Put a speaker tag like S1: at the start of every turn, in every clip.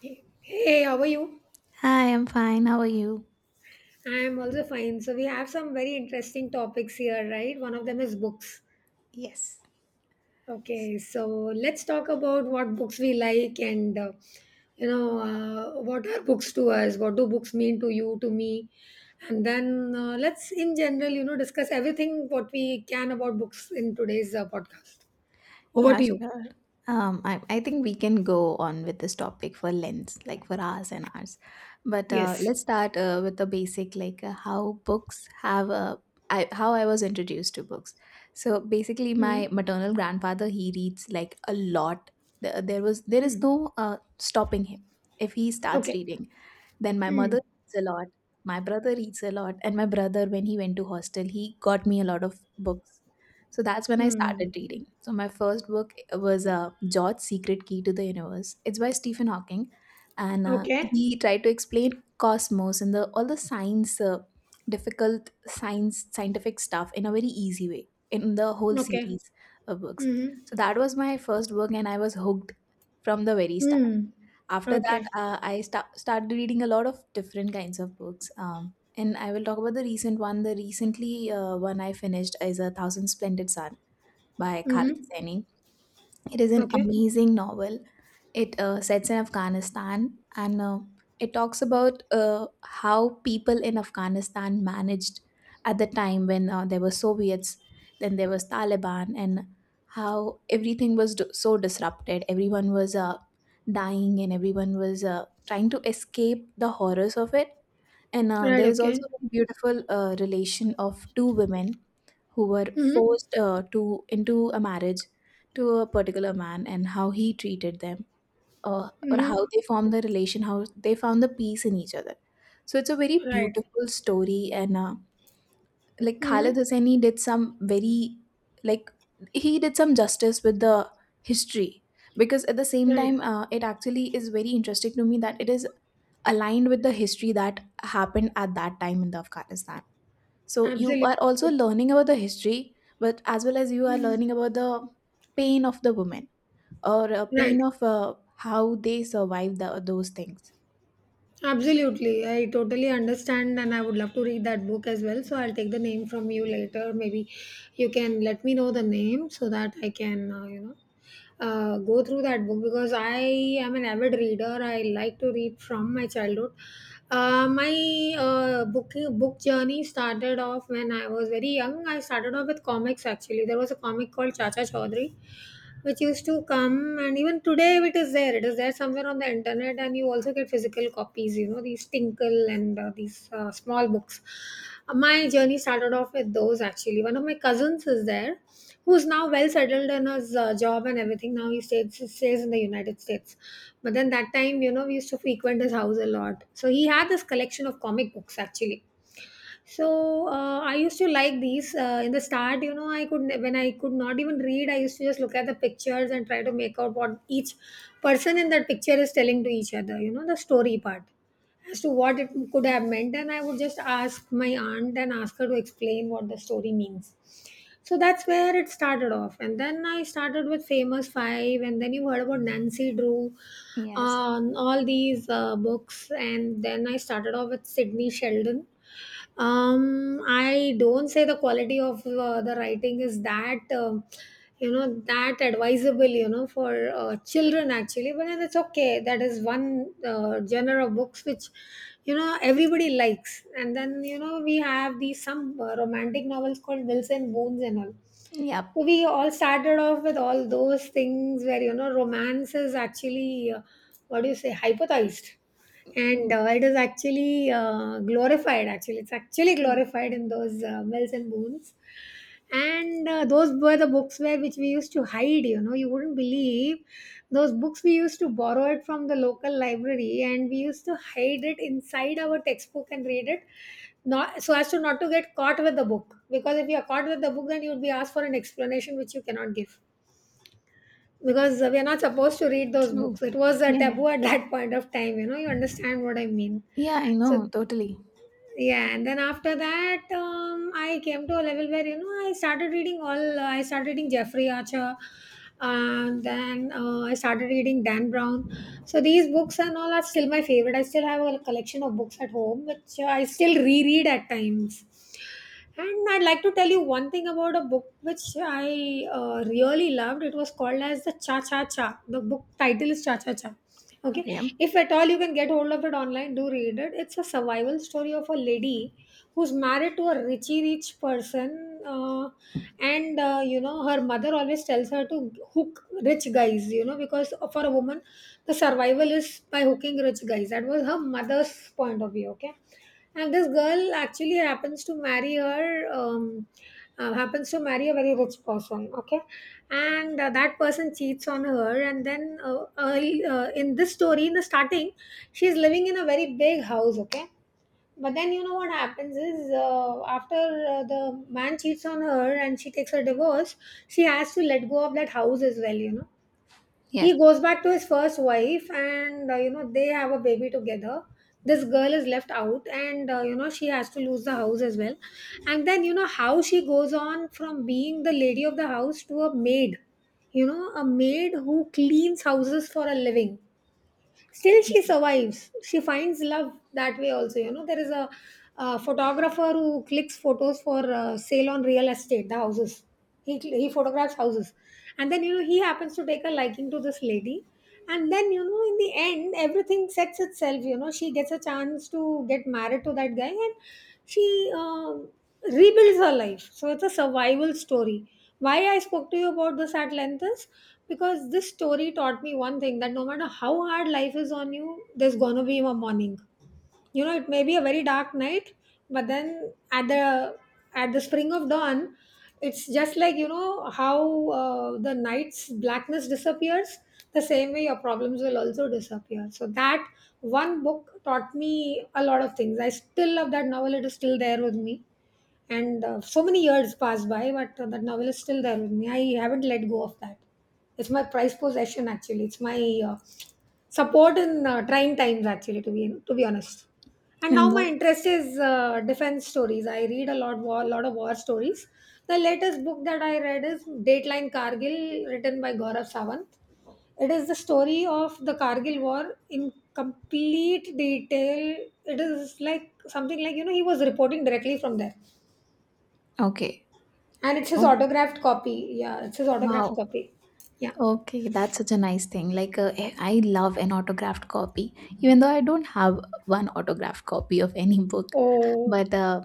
S1: Hey, hey, how are you?
S2: Hi, I'm fine. How are you?
S1: I am also fine. So, we have some very interesting topics here, right? One of them is books.
S2: Yes.
S1: Okay, so let's talk about what books we like and, you know, what are books to us? What do books mean to you, to me? And then let's, in general, discuss everything what we can about books in today's podcast. Over
S2: Yeah,
S1: to you.
S2: sure. I think we can go on with this topic for lengths, like for hours and hours. But
S1: Yes.
S2: let's start with the basic, like how books have how I was introduced to books. So basically,
S1: Hmm.
S2: my maternal grandfather he reads like a lot. There is
S1: Hmm.
S2: no stopping him if he starts
S1: Okay.
S2: reading. Then my mother
S1: Hmm.
S2: reads a lot, my brother reads a lot, and my brother, when he went to hostel, he got me a lot of books. So that's when I started
S1: Hmm.
S2: reading. So my first book was George's Secret Key to the Universe. It's by Stephen Hawking, and
S1: Okay.
S2: he tried to explain cosmos and the all the science, scientific stuff in a very easy way in the whole
S1: Okay.
S2: series of books.
S1: Mm-hmm.
S2: So that was my first book, and I was hooked from the very start.
S1: Mm.
S2: After that,
S1: Okay.
S2: I started reading a lot of different kinds of books. And I will talk about the recent one. The recently one I finished is A Thousand Splendid Sun by Khaled
S1: Mm-hmm.
S2: Hosseini. It is an
S1: Okay.
S2: amazing novel, it sets in Afghanistan, and it talks about how people in Afghanistan managed at the time when there were Soviets, then there was Taliban, and how everything was so disrupted. Everyone was dying and everyone was trying to escape the horrors of it. And
S1: Right.
S2: there is
S1: Okay.
S2: also a beautiful relation of two women who were
S1: Mm-hmm.
S2: forced to into a marriage to a particular man and how he treated them, or
S1: Mm-hmm.
S2: how they formed the relation, how they found the peace in each other. So it's a very
S1: Right.
S2: beautiful story, and Khalid
S1: Mm-hmm.
S2: Hosseini did some very like he did some justice with the history, because at the same
S1: Right.
S2: time it actually is very interesting to me that it is aligned with the history that happened at that time in the Afghanistan. So you
S1: Absolutely.
S2: are also learning about the history, but as well as you are
S1: Mm.
S2: learning about the pain of the women, or a
S1: Right.
S2: pain of how they survive those things.
S1: Absolutely. I totally understand, and I would love to read that book as well. So I'll take the name from you later. Maybe you can let me know the name so that I can, go through that book because I am an avid reader. I like to read from my childhood. My book journey started off when I was very young. I started off with comics actually. There was a comic called Chacha Chaudhary which used to come, and even today it is there somewhere on the internet, and you also get physical copies, you know, these Tinkle and these small books. My journey started off with those actually. One of my cousins is there, who's now well settled in his job and everything. Now he stays in the United States, but then that time, you know, we used to frequent his house a lot, so he had this collection of comic books actually. So I used to like these. In the start, you know, when I could not even read, I used to just look at the pictures and try to make out what each person in that picture is telling to each other. You know, the story part as to what it could have meant, and I would just ask my aunt and ask her to explain what the story means. So that's where it started off, and then I started with Famous Five, and then you heard about Nancy Drew,
S2: Yes.
S1: all these books, and then I started off with Sydney Sheldon. I don't say the quality of the writing is that, you know, that advisable, you know, for children actually, but then it's okay. That is one genre of books which, you know, everybody likes. And then, you know, we have these some romantic novels called Wilson Bones and all,
S2: Yep.
S1: so we all started off with all those things where, you know, romance is actually, what do you say, hypothesized, and
S2: Mm.
S1: it is actually glorified. Actually, it's actually
S2: True.
S1: glorified in those Mills and Boons. And those were the books where, which we used to hide, you know, you wouldn't believe. Those books we used to borrow it from the local library, and we used to hide it inside our textbook and read it, not so as to not to get caught with the book, because if you are caught with the book, then you would be asked for an explanation which you cannot give, because we are not supposed to read those
S2: True.
S1: books. It was a
S2: Yeah.
S1: taboo at that point of time, you know, you understand what I mean.
S2: Yeah, I
S1: So,
S2: know. Totally.
S1: yeah, and then after that, I came to a level where, you know, I started reading Jeffrey Archer, and then I started reading Dan Brown. So, these books and all are still my favorite. I still have a collection of books at home, which I still reread at times. And I'd like to tell you one thing about a book which I really loved. It was called as the Cha Cha Cha. The book title is Cha Cha Cha. Okay,
S2: Okay.
S1: if at all you can get hold of it online, do read it. It's a survival story of a lady who's married to a richy rich person, and you know, her mother always tells her to hook rich guys. You know, because for a woman, the survival is by hooking rich guys. That was her mother's point of view. Okay, and this girl actually happens to marry her, happens to marry a very rich person, okay? And that person cheats on her. And then early, in this story, in the starting, she's living in a very big house, okay? But then, you know what happens is, after the man cheats on her and she takes a divorce, she has to let go of that house as well, you know, he
S2: Yes.
S1: goes back to his first wife, and you know, they have a baby together. This girl is left out, and you know, she has to lose the house as well. And then, you know, how she goes on from being the lady of the house to a maid, you know, a maid who cleans houses for a living. Still she survives, she finds love that way also. You know, there is a, uh, photographer who clicks photos for sale on real estate, the houses, he photographs houses. And then, you know, he happens to take a liking to this lady, and then, you know, in the end, everything sets itself. You know, she gets a chance to get married to that guy, and she, um, rebuilds her life. So it's a survival story. Why I spoke to you about this at length is because this story taught me one thing, that no matter how hard life is on you, there's gonna be a morning. You know, it may be a very dark night, but then at the spring of dawn, it's just like, you know, how the night's blackness disappears, the same way your problems will also disappear. So that one book taught me a lot of things. I still love that novel. It is still there with me. And so many years passed by, but that novel is still there with me. I haven't let go of that. It's my prized possession actually. It's my uh, support in trying times actually, to be honest. And now
S2: And
S1: my
S2: that.
S1: interest is defense stories. I read a lot war, lot of war stories. The latest book that I read is Dateline Kargil, written by Gaurav Savant. It is the story of the Kargil War in complete detail. It is like something like, you know, he was reporting directly from there,
S2: Okay.
S1: and it's his
S2: Oh,
S1: autographed copy. Yeah, it's his autographed
S2: wow.
S1: copy. Yeah.
S2: Okay, that's such a nice thing. Like, I love an autographed copy, even though I don't have one autographed copy of any book.
S1: Oh,
S2: But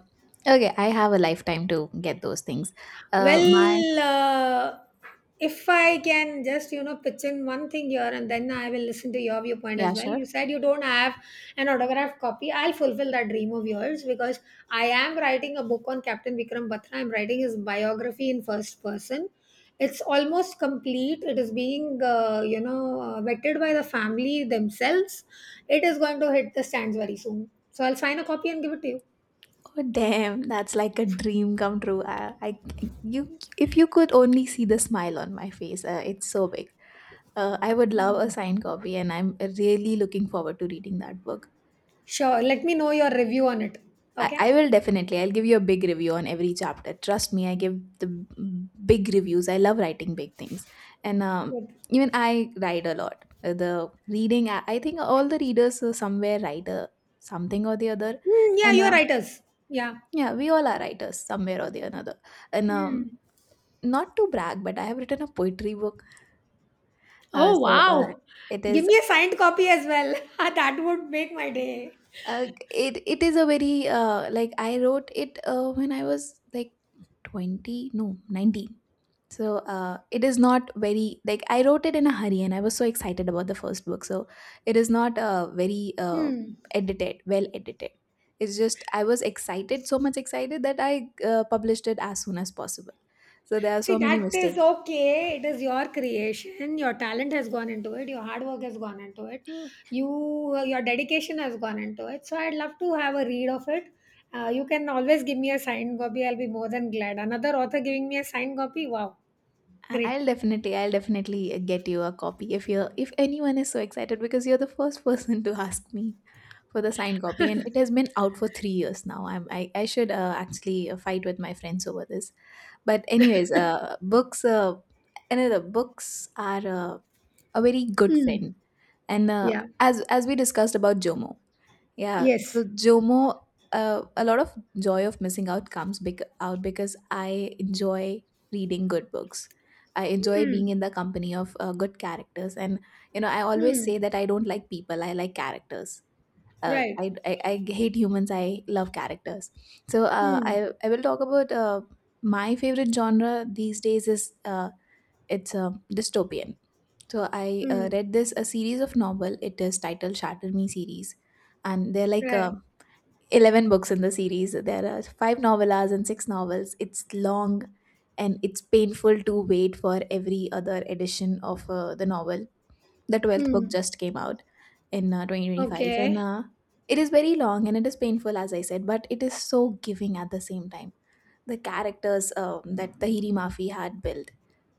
S2: okay, I have a lifetime to get those things. My
S1: well, if I can just, you know, pitch in one thing here, and then I will listen to your viewpoint as
S2: Yeah,
S1: well. You
S2: sure.
S1: said you don't have an autographed copy. I'll fulfill that dream of yours, because I am writing a book on Captain Vikram Batra. I'm writing his biography in first person. It's almost complete. It is being, vetted by the family themselves. It is going to hit the stands very soon. So I'll sign a copy and give it to you.
S2: Oh damn, that's like a dream come true. I you If you could only see the smile on my face. It's so big. I would love a signed copy and I'm really looking forward to reading that book.
S1: Sure. Let me know your review on it. Okay.
S2: I will definitely. I'll give you a big review on every chapter. Trust me, I give the big reviews. I love writing big things. And
S1: Good.
S2: even I write a lot. The reading, I think all the readers somewhere write something or the other.
S1: Mm, yeah,
S2: And
S1: you're writers. Yeah.
S2: yeah, we all are writers somewhere or the another. And
S1: Mm.
S2: Not to brag, but I have written a poetry book. Uh,
S1: Oh,
S2: so uh,
S1: wow.
S2: it
S1: Give
S2: is
S1: me a signed copy as well. That would make my day.
S2: it it is a very I wrote it when I was like 20, no, 19. So it is not very, like I wrote it in a hurry and I was so excited about the first book. So it is not very,
S1: Hmm.
S2: edited, well edited. It's just I was excited, so much excited that I published it as soon as possible. So there are
S1: See,
S2: so many
S1: that is
S2: mistakes.
S1: okay. It is your creation. Your talent has gone into it. Your hard work has gone into it. Your dedication has gone into it. So I'd love to have a read of it. You can always give me a signed copy. I'll be more than glad. Another author giving me a signed copy. Wow,
S2: I-
S1: great.
S2: I'll definitely, I'll definitely get you a copy if anyone is so excited because you're the first person to ask me for the signed copy, and it has been out for 3 years now. I should actually fight with my friends over this. But anyways, books are a very good
S1: Hmm.
S2: friend, and
S1: Yeah.
S2: as we discussed about Jomo. Yeah,
S1: Yes.
S2: so JOMO, a lot of joy of missing out comes out because I enjoy reading good books. I enjoy
S1: Hmm.
S2: being in the company of good characters, and you know, I always
S1: Hmm.
S2: say that I don't like people; I like characters.
S1: Right.
S2: I hate humans. I love characters. So uh,
S1: Hmm.
S2: I I will talk about my favorite genre these days is it's dystopian. So I
S1: Hmm.
S2: read this a series of novel. It is titled Shatter Me series and they're like
S1: Right.
S2: uh, 11 books in the series. There are 5 novellas and 6 novels. It's long and it's painful to wait for every other edition of the novel. The 12th book
S1: Hmm.
S2: just came out in 2025 and
S1: Okay.
S2: it is very long and it is painful as I said, but it is so giving at the same time. The characters that Tahiri Mafi had built.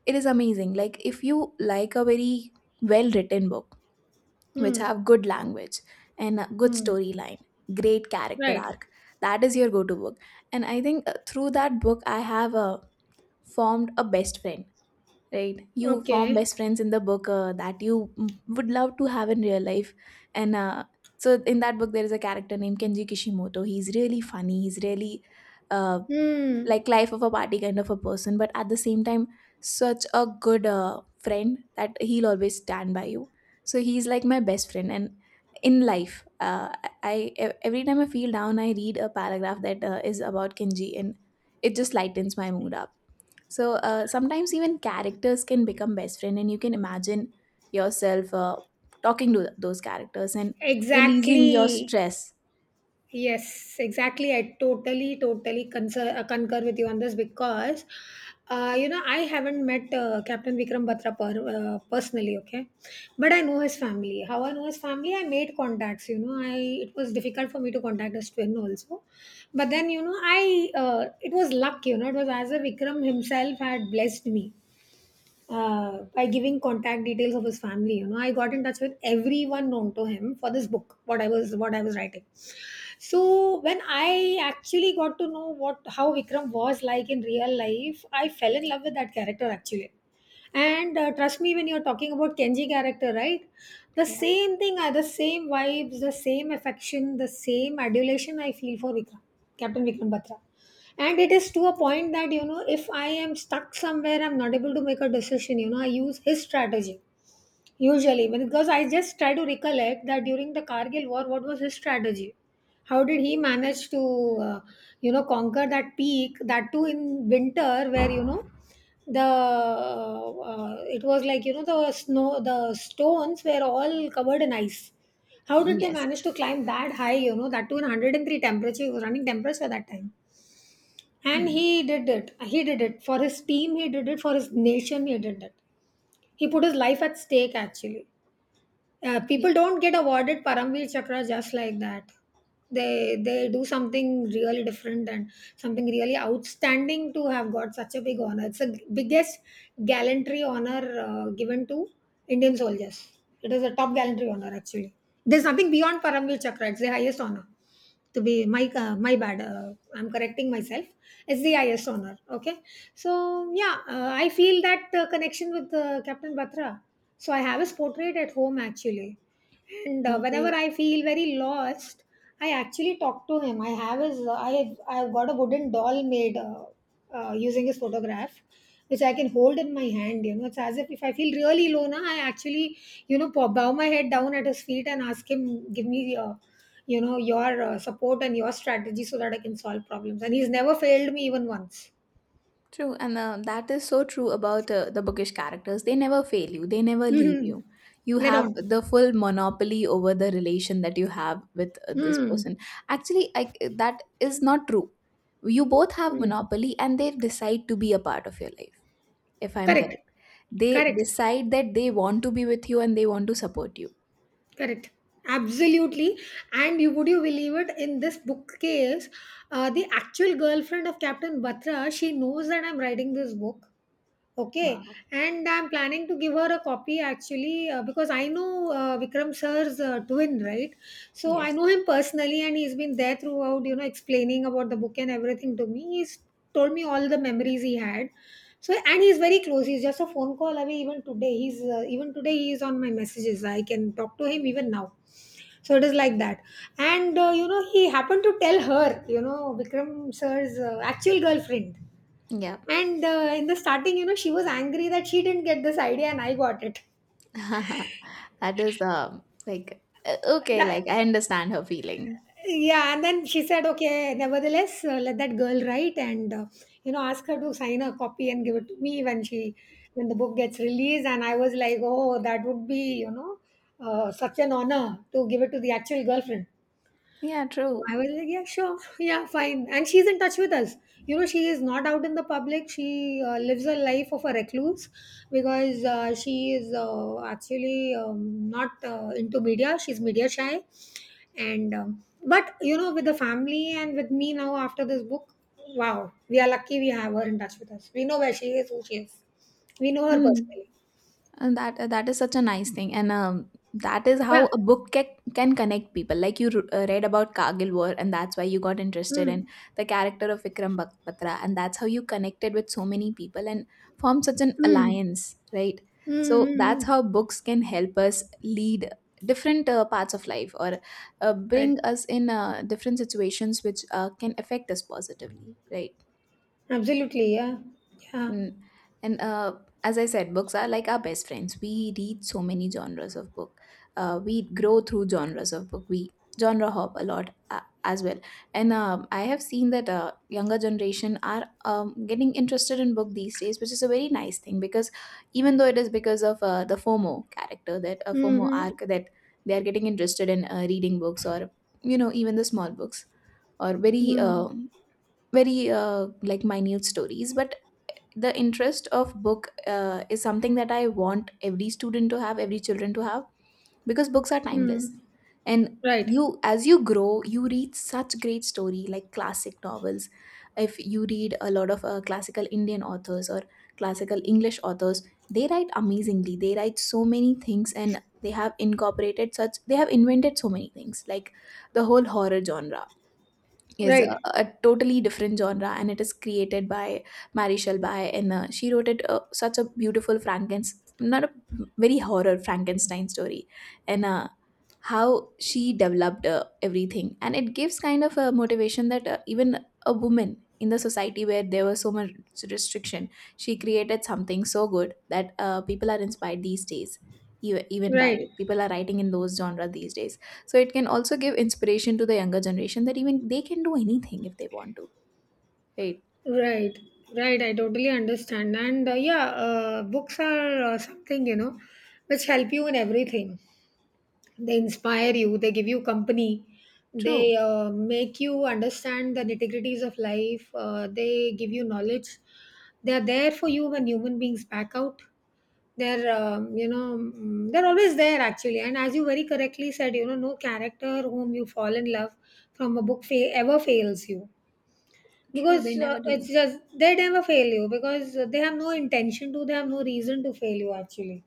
S2: It is amazing. Like if you like a very well written book which
S1: Hmm.
S2: have good language and a good
S1: Hmm.
S2: storyline, great character
S1: Right.
S2: arc. That is your go to book. And I think through that book, I have formed a best friend, right? You form
S1: Okay.
S2: best friends in the book that you would love to have in real life. And so in that book, there is a character named Kenji Kishimoto. He's really funny, he's really uh,
S1: Hmm.
S2: like life of a party kind of a person, but at the same time such a good friend that he'll always stand by you, so he's like my best friend. And in life, every time I feel down I read a paragraph that is about Kenji and it just lightens my mood up. So sometimes even characters can become best friend, and you can imagine yourself talking to those characters and releasing your
S1: Exactly.
S2: stress.
S1: Yes, exactly. I totally, concur with you on this, because, you know, I haven't met Captain Vikram Batra personally, okay, but I know his family. How I know his family, I made contacts. You know, I it was difficult for me to contact his twin also, but then, you know, I, it was luck. It was as if Vikram himself had blessed me by giving contact details of his family. I got in touch with everyone known to him for this book what I was writing. So when I actually got to know what how Vikram was like in real life, I fell in love with that character, actually. And trust me, when you're talking about Kenji character, right, the
S2: Yeah.
S1: same vibes, the same affection, the same adulation I feel for Vikram, Captain Vikram Batra. And it is to a point that, you know, if I am stuck somewhere, I'm not able to make a decision, you know, I use his strategy usually because I just try to recollect that during the Kargil War, what was his strategy? How did he manage to uh, conquer that peak, that too in winter, where you know the it was like, the snow, the stones were all covered in ice. How did they
S2: Yes.
S1: manage to climb that high, that too in 103 temperature? It was running temperature that time. And
S2: Hmm.
S1: he did it, he did it for his team, he did it for his nation, he did it, he put his life at stake, actually.
S2: Yeah.
S1: People don't get awarded Paramveer Chakra just like that. They do something really different and something really outstanding to have got such a big honor. It's the biggest gallantry honor given to Indian soldiers. It is a top gallantry honor, actually. There's nothing beyond Paramveer Chakra. It's the highest honor to be my. My bad. I'm correcting myself. SDIS honor, okay. So, yeah, I feel that connection with Captain Batra. So I have his portrait at home, actually. And whenever
S2: Okay.
S1: I feel very lost, I actually talk to him. I have his I have I've got a wooden doll made, using his photograph, which I can hold in my hand. It's as if I feel really low, na, I actually, bow my head down at his feet and ask him, give me, your support and your strategy so that I can solve problems. And he's never failed me, even once.
S2: True, and that is so true about the bookish characters. They never fail you, they never leave
S1: Mm-hmm.
S2: you. You
S1: Let
S2: have
S1: on.
S2: the full monopoly over the relation that you have with this
S1: Mm.
S2: person. Actually, that is not true. You both have
S1: Mm.
S2: monopoly and they decide to be a part of your life, if I'm
S1: Correct.
S2: correct. They
S1: Correct.
S2: decide that they want to be with you and they want to support you.
S1: Correct. Absolutely. And you would you believe it? In this bookcase, the actual girlfriend of Captain Batra, she knows that I'm writing this book. Okay,
S2: Wow.
S1: and I'm planning to give her a copy, actually, because I know Vikram sir's twin, right? So I
S2: Yes.
S1: know him personally, and he's been there throughout, explaining about the book and everything to me. He's told me all the memories he had. So and he's very close. He's just a phone call away. Even today, he's even today he is on my messages. I can talk to him even now. So it is like that. And he happened to tell her, Vikram sir's actual girlfriend.
S2: Yeah.
S1: And in the starting, she was angry that she didn't get this idea and I got it.
S2: That is okay,
S1: That,
S2: like I understand her feeling.
S1: yeah, and then she said, okay, nevertheless, let that girl write, and ask her to sign a copy and give it to me when when the book gets released. And I was like, oh, that would be, such an honor to give it to the actual girlfriend.
S2: Yeah, true.
S1: I was like, yeah, sure, yeah, fine. And she's in touch with us. She is not out in the public. She lives a life of a recluse because she is actually not into media. She's media shy. And, but, with the family and with me now after this book, wow, we are lucky we have her in touch with us. We know where she is, who she is. We know her
S2: Hmm.
S1: personally.
S2: And that that is such a nice thing, and that is how
S1: Yeah.
S2: a book can connect people. Like you read about Kargil War, and that's why you got interested in
S1: Mm.
S2: the character of Vikram Batra, and that's how you connected with so many people and formed such an
S1: Mm.
S2: alliance, right?
S1: Mm.
S2: So
S1: Mm.
S2: that's
S1: Mm.
S2: how books can help us lead different parts of life, or
S1: Right.
S2: bring us in different situations which can affect us positively, right?
S1: Absolutely. Yeah. Yeah.
S2: Mm. And as I said, books are like our best friends. We read so many genres of book. We grow through genres of book. We genre hop a lot as well. And I have seen that younger generation are getting interested in book these days, which is a very nice thing, because even though it is because of the FOMO character, that FOMO
S1: Mm-hmm.
S2: arc that they are getting interested in reading books, or you know even the small books, or very uh,
S1: Hmm.
S2: very uh, like minute stories, but the interest of book is something that I want every student to have, every children to have, because books are timeless.
S1: Hmm.
S2: And
S1: Right,
S2: you, as you grow, you read such great story like classic novels. If you read a lot of classical Indian authors or classical English authors, they write amazingly, they write so many things and they have incorporated such they have invented so many things, like the whole horror genre is
S1: right,
S2: a totally different genre and it is created by Mary Shelby, and she wrote it such a beautiful Frankenstein, not a very horror Frankenstein story. And how she developed everything, and it gives kind of a motivation that even a woman in the society where there was so much restriction, she created something so good that people are inspired these days, even by
S1: right,
S2: it. People are writing in those genre these days, so it can also give inspiration to the younger generation that even they can do anything if they want to. Right.
S1: right, right. I totally understand. And yeah, books are something, which help you in everything. They inspire you, they give you company, they
S2: True.
S1: make you understand the nitty-gritties of life, they give you knowledge. They are there for you when human beings back out. They're always there, actually. And as you very correctly said, no character whom you fall in love from a book ever fails you,
S2: True. They
S1: because
S2: never
S1: it's
S2: do.
S1: just they never fail you, because they have no intention to, they have no reason to fail you, actually.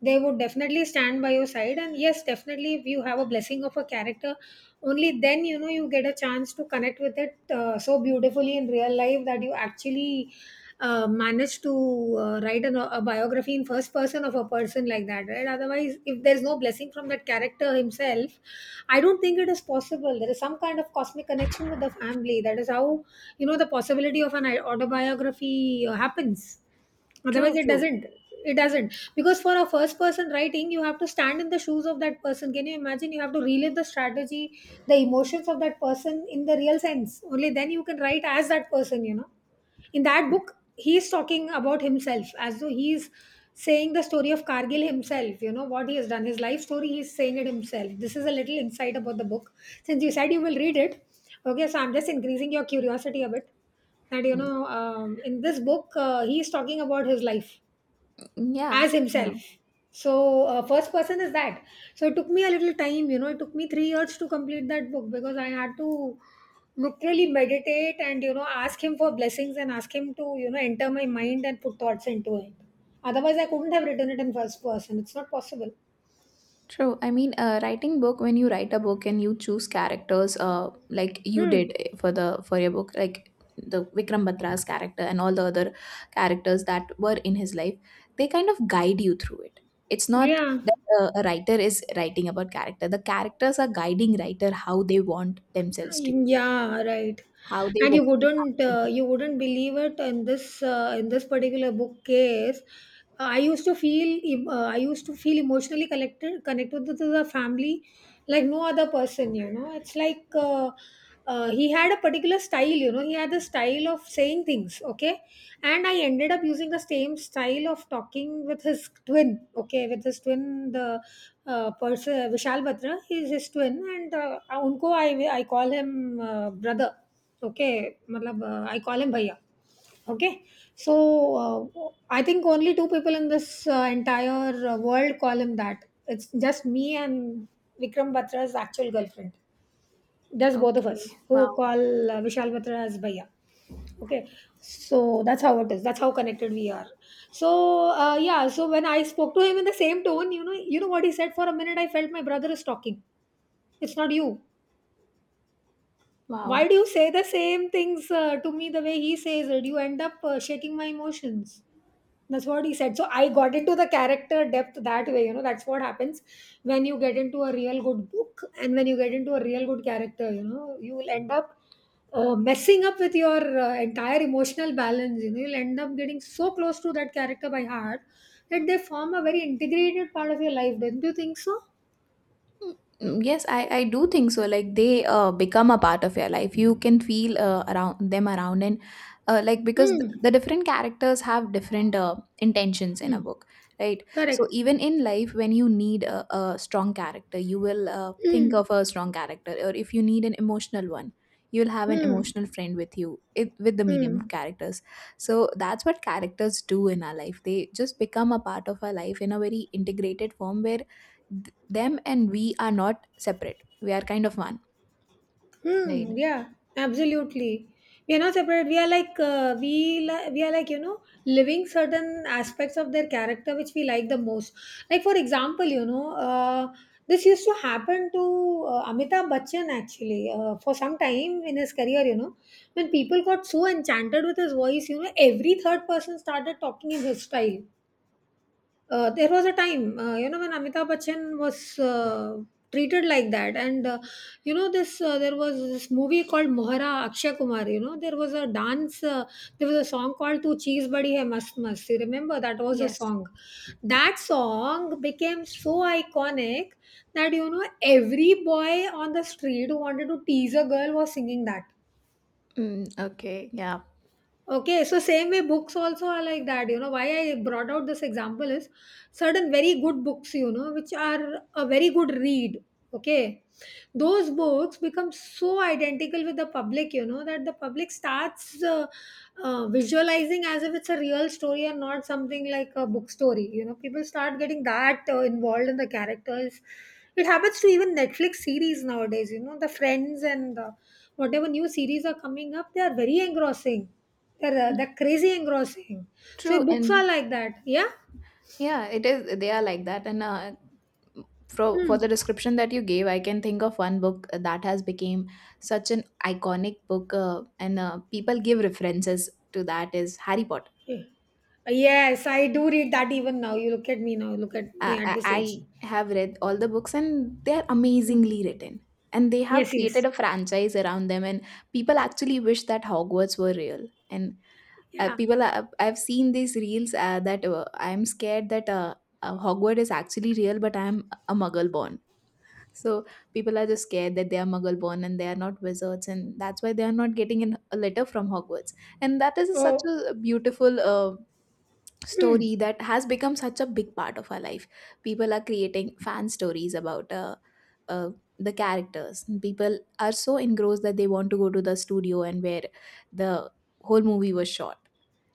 S1: They would definitely stand by your side. And yes, definitely, if you have a blessing of a character, only then, you get a chance to connect with it so beautifully in real life that you actually manage to write a biography in first person of a person like that, right? Otherwise, if there's no blessing from that character himself, I don't think it is possible. There is some kind of cosmic connection with the family. That is how, the possibility of an autobiography happens. Otherwise,
S2: True.
S1: it
S2: True.
S1: doesn't. It doesn't. Because for a first person writing, you have to stand in the shoes of that person. Can you imagine? You have to relive the strategy, the emotions of that person in the real sense. Only then you can write as that person. In that book, he's talking about himself as though he's saying the story of Kargil himself. What he has done, his life story, he's saying it himself. This is a little insight about the book, since you said you will read it. Okay, so I'm just increasing your curiosity a bit, that,
S2: Mm.
S1: in this book, he's talking about his life
S2: Yeah.
S1: as himself.
S2: No.
S1: So first person is that. So it took me a little time you know it took me 3 years to complete that book, because I had to literally meditate, and ask him for blessings and ask him to, enter my mind and put thoughts into it. Otherwise, I couldn't have written it in first person. It's not possible.
S2: True. I mean, writing book when you write a book and you choose characters, like you
S1: Hmm.
S2: did for the for your book, like the Vikram Batra's character and all the other characters that were in his life, they kind of guide you through it. It's not
S1: Yeah.
S2: that a writer is writing about character; the characters are guiding writer how they want themselves to
S1: Yeah, right.
S2: how they
S1: And you
S2: wanted
S1: wouldn't
S2: up
S1: uh, you wouldn't believe it, in this in this particular book case. I used to feel emotionally connected to the family, like no other person. You know, it's like. He had a particular style. He had the style of saying things, okay. And I ended up using the same style of talking with his twin, okay, with his twin, the person, Vishal Batra. He's his twin. And unko, I call him brother, okay, matlab, I call him bhaiya, okay. So uh, I think only two people in this entire world call him that. It's just me and Vikram Batra's actual girlfriend.
S2: to
S1: That's
S2: be.
S1: both of us
S2: Okay.
S1: who
S2: Wow.
S1: call Vishal Batra as Bhaiya. Okay, so that's how it is. That's how connected we are. So yeah, so when I spoke to him in the same tone, you know what he said. For a minute, I felt my brother is talking. It's not you. Why
S2: Wow.
S1: do you say the same things to me the way he says it? You end up shaking my emotions. That's what he said. So I got into the character depth that way. That's what happens when you get into a real good book and when you get into a real good character. You will end up messing up with your entire emotional balance. You'll end up getting so close to that character by heart that they form a very integrated part of your life. Don't you think so?
S2: Mm, Yes, I do think so. Like they become a part of your life. You can feel around them around and like because
S1: Hmm.
S2: the different characters have different intentions in
S1: Hmm.
S2: a book, right? So
S1: Correct.
S2: even in life, when you need a strong character, you will think
S1: Hmm.
S2: of a strong character, or if you need an emotional one, you'll have an
S1: Hmm.
S2: emotional friend with you it, with the medium
S1: Hmm.
S2: of characters. So that's what characters do in our life. They just become a part of our life in a very integrated form where them and we are not separate, we are kind of one,
S1: Hmm.
S2: right?
S1: Yeah. Absolutely. We are not separate. We are like we li- we are like you know living certain aspects of their character which we like the most. Like for example, this used to happen to Amitabh Bachchan, actually, for some time in his career. When people got so enchanted with his voice, every third person started talking in his style. There was a time, when Amitabh Bachchan was treated like that. And you know, this there was this movie called Mohara Akshay Kumar. There was a song called "Tu Cheese Badi Hai Mast Mast." You remember that was a
S2: Yes.
S1: song. That song became so iconic that every boy on the street who wanted to tease a girl was singing that.
S2: Mm, okay, yeah.
S1: Okay, so same way books also are like that. You know why I brought out this example is, certain very good books, which are a very good read. Okay, those books become so identical with the public, that the public starts visualizing as if it's a real story and not something like a book story. People start getting that involved in the characters. It happens to even Netflix series nowadays. The Friends and whatever new series are coming up, they are very engrossing. They're, crazy engrossing.
S2: True.
S1: So books are
S2: And
S1: like that. Yeah.
S2: yeah, it is, they are like that, and for
S1: Hmm.
S2: the description that you gave, I can think of one book that has become such an iconic book, and people give references to, that is Harry Potter.
S1: Yeah. Yes, I do read that even now. You look at me now. Look at
S2: I,
S1: me at
S2: I
S1: this age.
S2: I have read all the books and they're
S1: Hmm.
S2: amazingly written. And they have
S1: Yes. Yes.
S2: created a franchise around them, and people actually wish that Hogwarts were real. And
S1: Yeah.
S2: people, are, I've seen these reels that I'm scared that Hogwarts is actually real, but I'm a muggle born. So people are just scared that they are muggle born and they are not wizards, and that's why they are not getting an, a letter from Hogwarts. And that is such
S1: Oh.
S2: a beautiful
S1: Hmm.
S2: story that has become such a big part of our life. People are creating fan stories about uh, the characters. People are so engrossed that they want to go to the studio and where the whole movie was shot.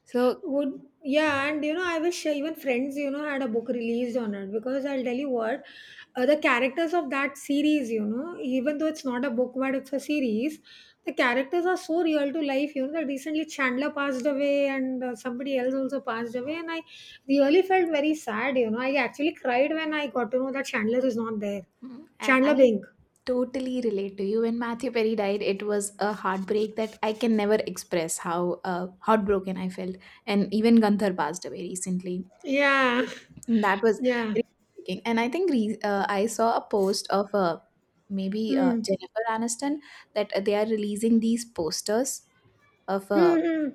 S2: So
S1: Would yeah, and you know, I wish even Friends, you know, had a book released on it because I'll tell you what, the characters of that series, you know, even though it's not a book but it's a series, the characters are so real to life. You know, that recently Chandler passed away and somebody else also passed away, and I really felt very sad. You know, I actually cried when I got to know that Chandler is not there.
S2: I,
S1: Chandler
S2: I
S1: Bing.
S2: totally relate to you. When Matthew Perry died, it was a heartbreak that I can never express how heartbroken I felt. And even Gunther passed away recently.
S1: Yeah,
S2: That was
S1: yeah.
S2: very intriguing. And I think I saw a post of maybe
S1: Hmm.
S2: Jennifer Aniston, that they are releasing these posters of
S1: Hmm.
S2: uh,
S1: Hmm.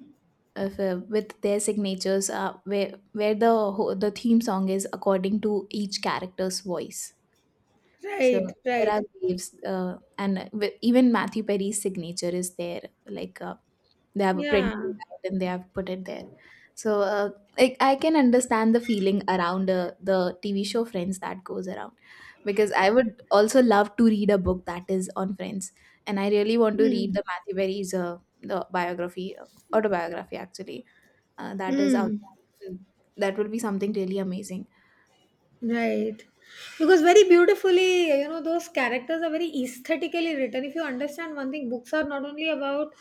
S2: of, with their signatures where the the theme song is according to each character's voice. So
S1: Right.
S2: there are
S1: Right.
S2: waves, and with, even Matthew Perry's signature is there, like they have
S1: Yeah.
S2: printed it out and they have put it there. So like I can understand the feeling around the TV show Friends that goes around, because I would also love to read a book that is on Friends. And I really want to read
S1: Hmm.
S2: the Matthew Berry's the biography, autobiography, actually, that is out
S1: Mm,
S2: there. Mm, that will be something really amazing.
S1: right. Because very beautifully, you know, those characters are very aesthetically written. If you understand one thing, books are not only about,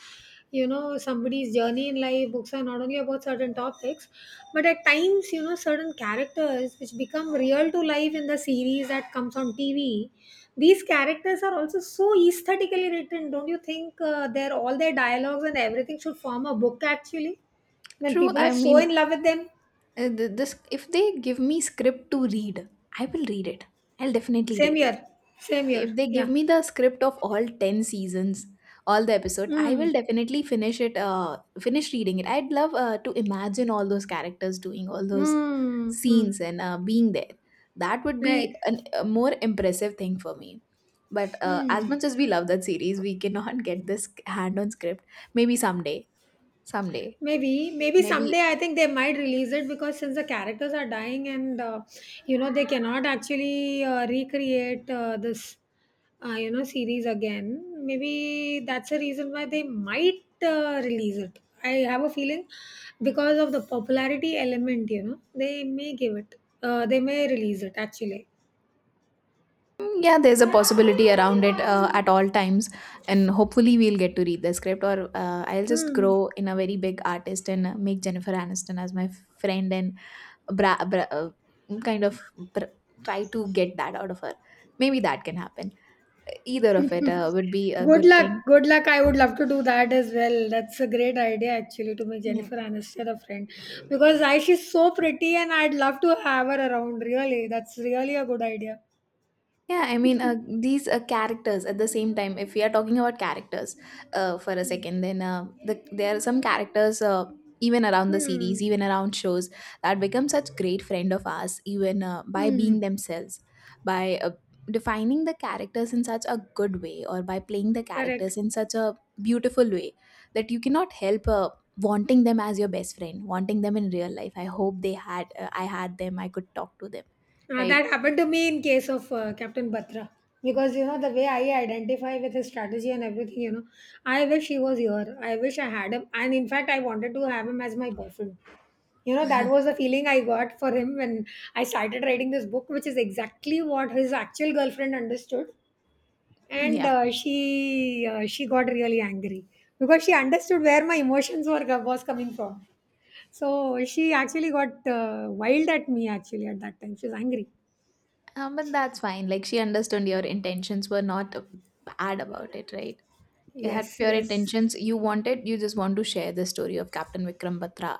S1: you know, somebody's journey in life, books are not only about certain topics, but at times, you know, certain characters which become real to life in the series that comes on TV. These characters are also so aesthetically written. Don't you think their all their dialogues and everything should form a book actually? When
S2: True,
S1: people are
S2: I
S1: so
S2: mean,
S1: in love with them.
S2: this, if they give me script to read, I will read it, I'll definitely
S1: Same
S2: read it.
S1: year. Same
S2: If
S1: year.
S2: they give
S1: Yeah.
S2: me the script of all 10 seasons, all the episode, I will
S1: Mm.
S2: definitely finish it, uh, finish reading it. I'd love to imagine all those characters doing all those
S1: Mm. Mm.
S2: scenes and being there. That would be
S1: Right.
S2: an, a more impressive thing for me. But as
S1: Mm.
S2: much as we love that series, we cannot get this hand on script. Maybe someday, someday,
S1: Maybe
S2: maybe.
S1: someday I think they might release it because since the characters are dying and you know they cannot actually recreate this you know series again. Maybe that's a reason why they might release it. I have a feeling because of the popularity element, you know, they may give it. They may release it actually.
S2: Yeah, there's a possibility around it at all times, and hopefully we'll get to read the script, or I'll just
S1: Hmm.
S2: grow in a very big artist and make Jennifer Aniston as my friend and bra- bra- uh, kind of br- try to get that out of her. Maybe that can happen. Either of it would be a
S1: Good
S2: good
S1: luck.
S2: thing.
S1: Good luck. I would love to do that as well. That's a great idea actually to make
S2: Yeah.
S1: Jennifer Aniston a friend because I she's so pretty and I'd love to have her around really. That's really a good idea.
S2: Yeah, I mean, these characters at the same time, if we are talking about characters for a second, then there are some characters, even around the series,
S1: Hmm.
S2: even around shows, that become such great friend of ours, even by
S1: Hmm.
S2: being themselves, by defining the characters in such a good way, or by playing the
S1: Correct.
S2: characters in such a beautiful way, that you cannot help wanting them as your best friend, wanting them in real life. I hope they had, I had them, I could talk to them, right?
S1: That happened to me in case of Captain Batra because you know the way I identify with his strategy and everything, you know, I wish he was here. I wish I had him, and in fact I wanted to have him as my boyfriend. You know, that was the feeling I got for him when I started writing this book, which is exactly what his actual girlfriend understood. And
S2: Yeah.
S1: she got really angry because she understood where my emotions were was coming from. So she actually got wild at me actually at that time. She was angry.
S2: But that's fine. Like she understood your intentions were not bad about it, right? You had
S1: Yes,
S2: pure
S1: yes.
S2: intentions. You just want to share the story of Captain Vikram Batra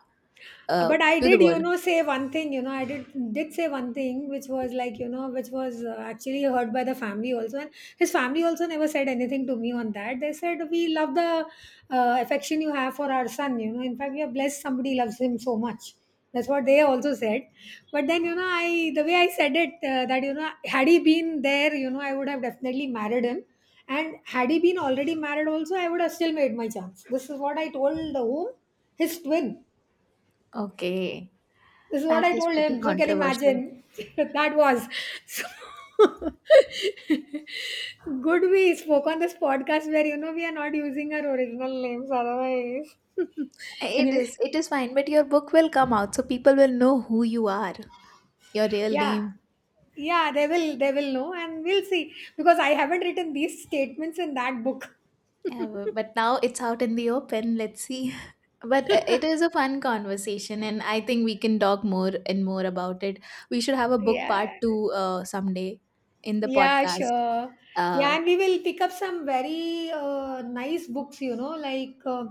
S2: uh,
S1: But I
S2: to the
S1: did you
S2: world.
S1: know say one thing you know I did say one thing which was, like, you know, which was actually heard by the family also, and his family also never said anything to me on that. They said we love the affection you have for our son, you know, in fact we are blessed somebody loves him so much. That's what they also said. But then, you know, I the way I said it, that, you know, had he been there, you know, I would have definitely married him, and had he been already married also, I would have still made my chance. This is what I told the whom his twin.
S2: Okay,
S1: This is what
S2: that
S1: I
S2: is
S1: told
S2: pretty
S1: him. So you can
S2: controversial.
S1: imagine that was so good. We spoke on this podcast where you know we are not using our original names otherwise.
S2: It
S1: Anyway,
S2: is. It is fine, but your book will come out, so people will know who you are, your real
S1: yeah.
S2: name.
S1: Yeah, they will know and we'll see because I haven't written these statements in that book.
S2: Yeah, but now it's out in the open. Let's see. But it is a fun conversation, and I think we can talk more and more about it. We should have a book part
S1: Yeah.
S2: two someday in the
S1: Yeah,
S2: podcast.
S1: sure. Yeah,
S2: Uh,
S1: and we will pick up some very nice books, you know, like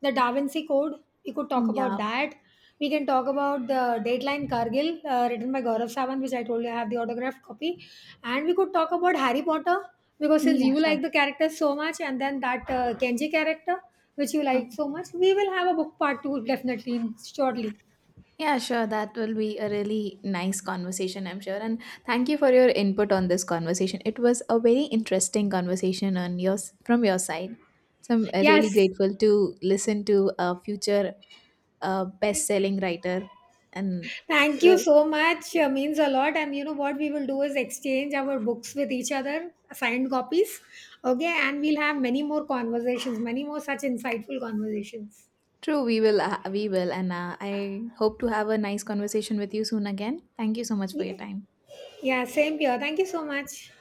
S1: the Da Vinci Code. We could talk about
S2: yeah,
S1: that. We can talk about the Dateline Kargil, written by Gaurav Savant, which I told you I have the autographed copy. And we could talk about Harry Potter, because since
S2: yeah,
S1: you
S2: sure.
S1: like the character so much, and then that Kenji character, which you like
S2: Okay.
S1: so much, we will have a book part two definitely in shortly.
S2: Yeah, sure. That will be a really nice conversation, I'm sure. And thank you for your input on this conversation. It was a very interesting conversation on yours from your side. So I'm really
S1: Yes.
S2: grateful to listen to a future best-selling writer and
S1: Thank
S2: uh,
S1: you so much. Means a lot. And you know what we will do is exchange our books with each other, signed copies. Okay. And we'll have many more conversations, many more such insightful conversations.
S2: true, we will, and I hope to have a nice conversation with you soon again. Thank you so much for your
S1: Yeah.
S2: time.
S1: Yeah. Same here. Thank you so much.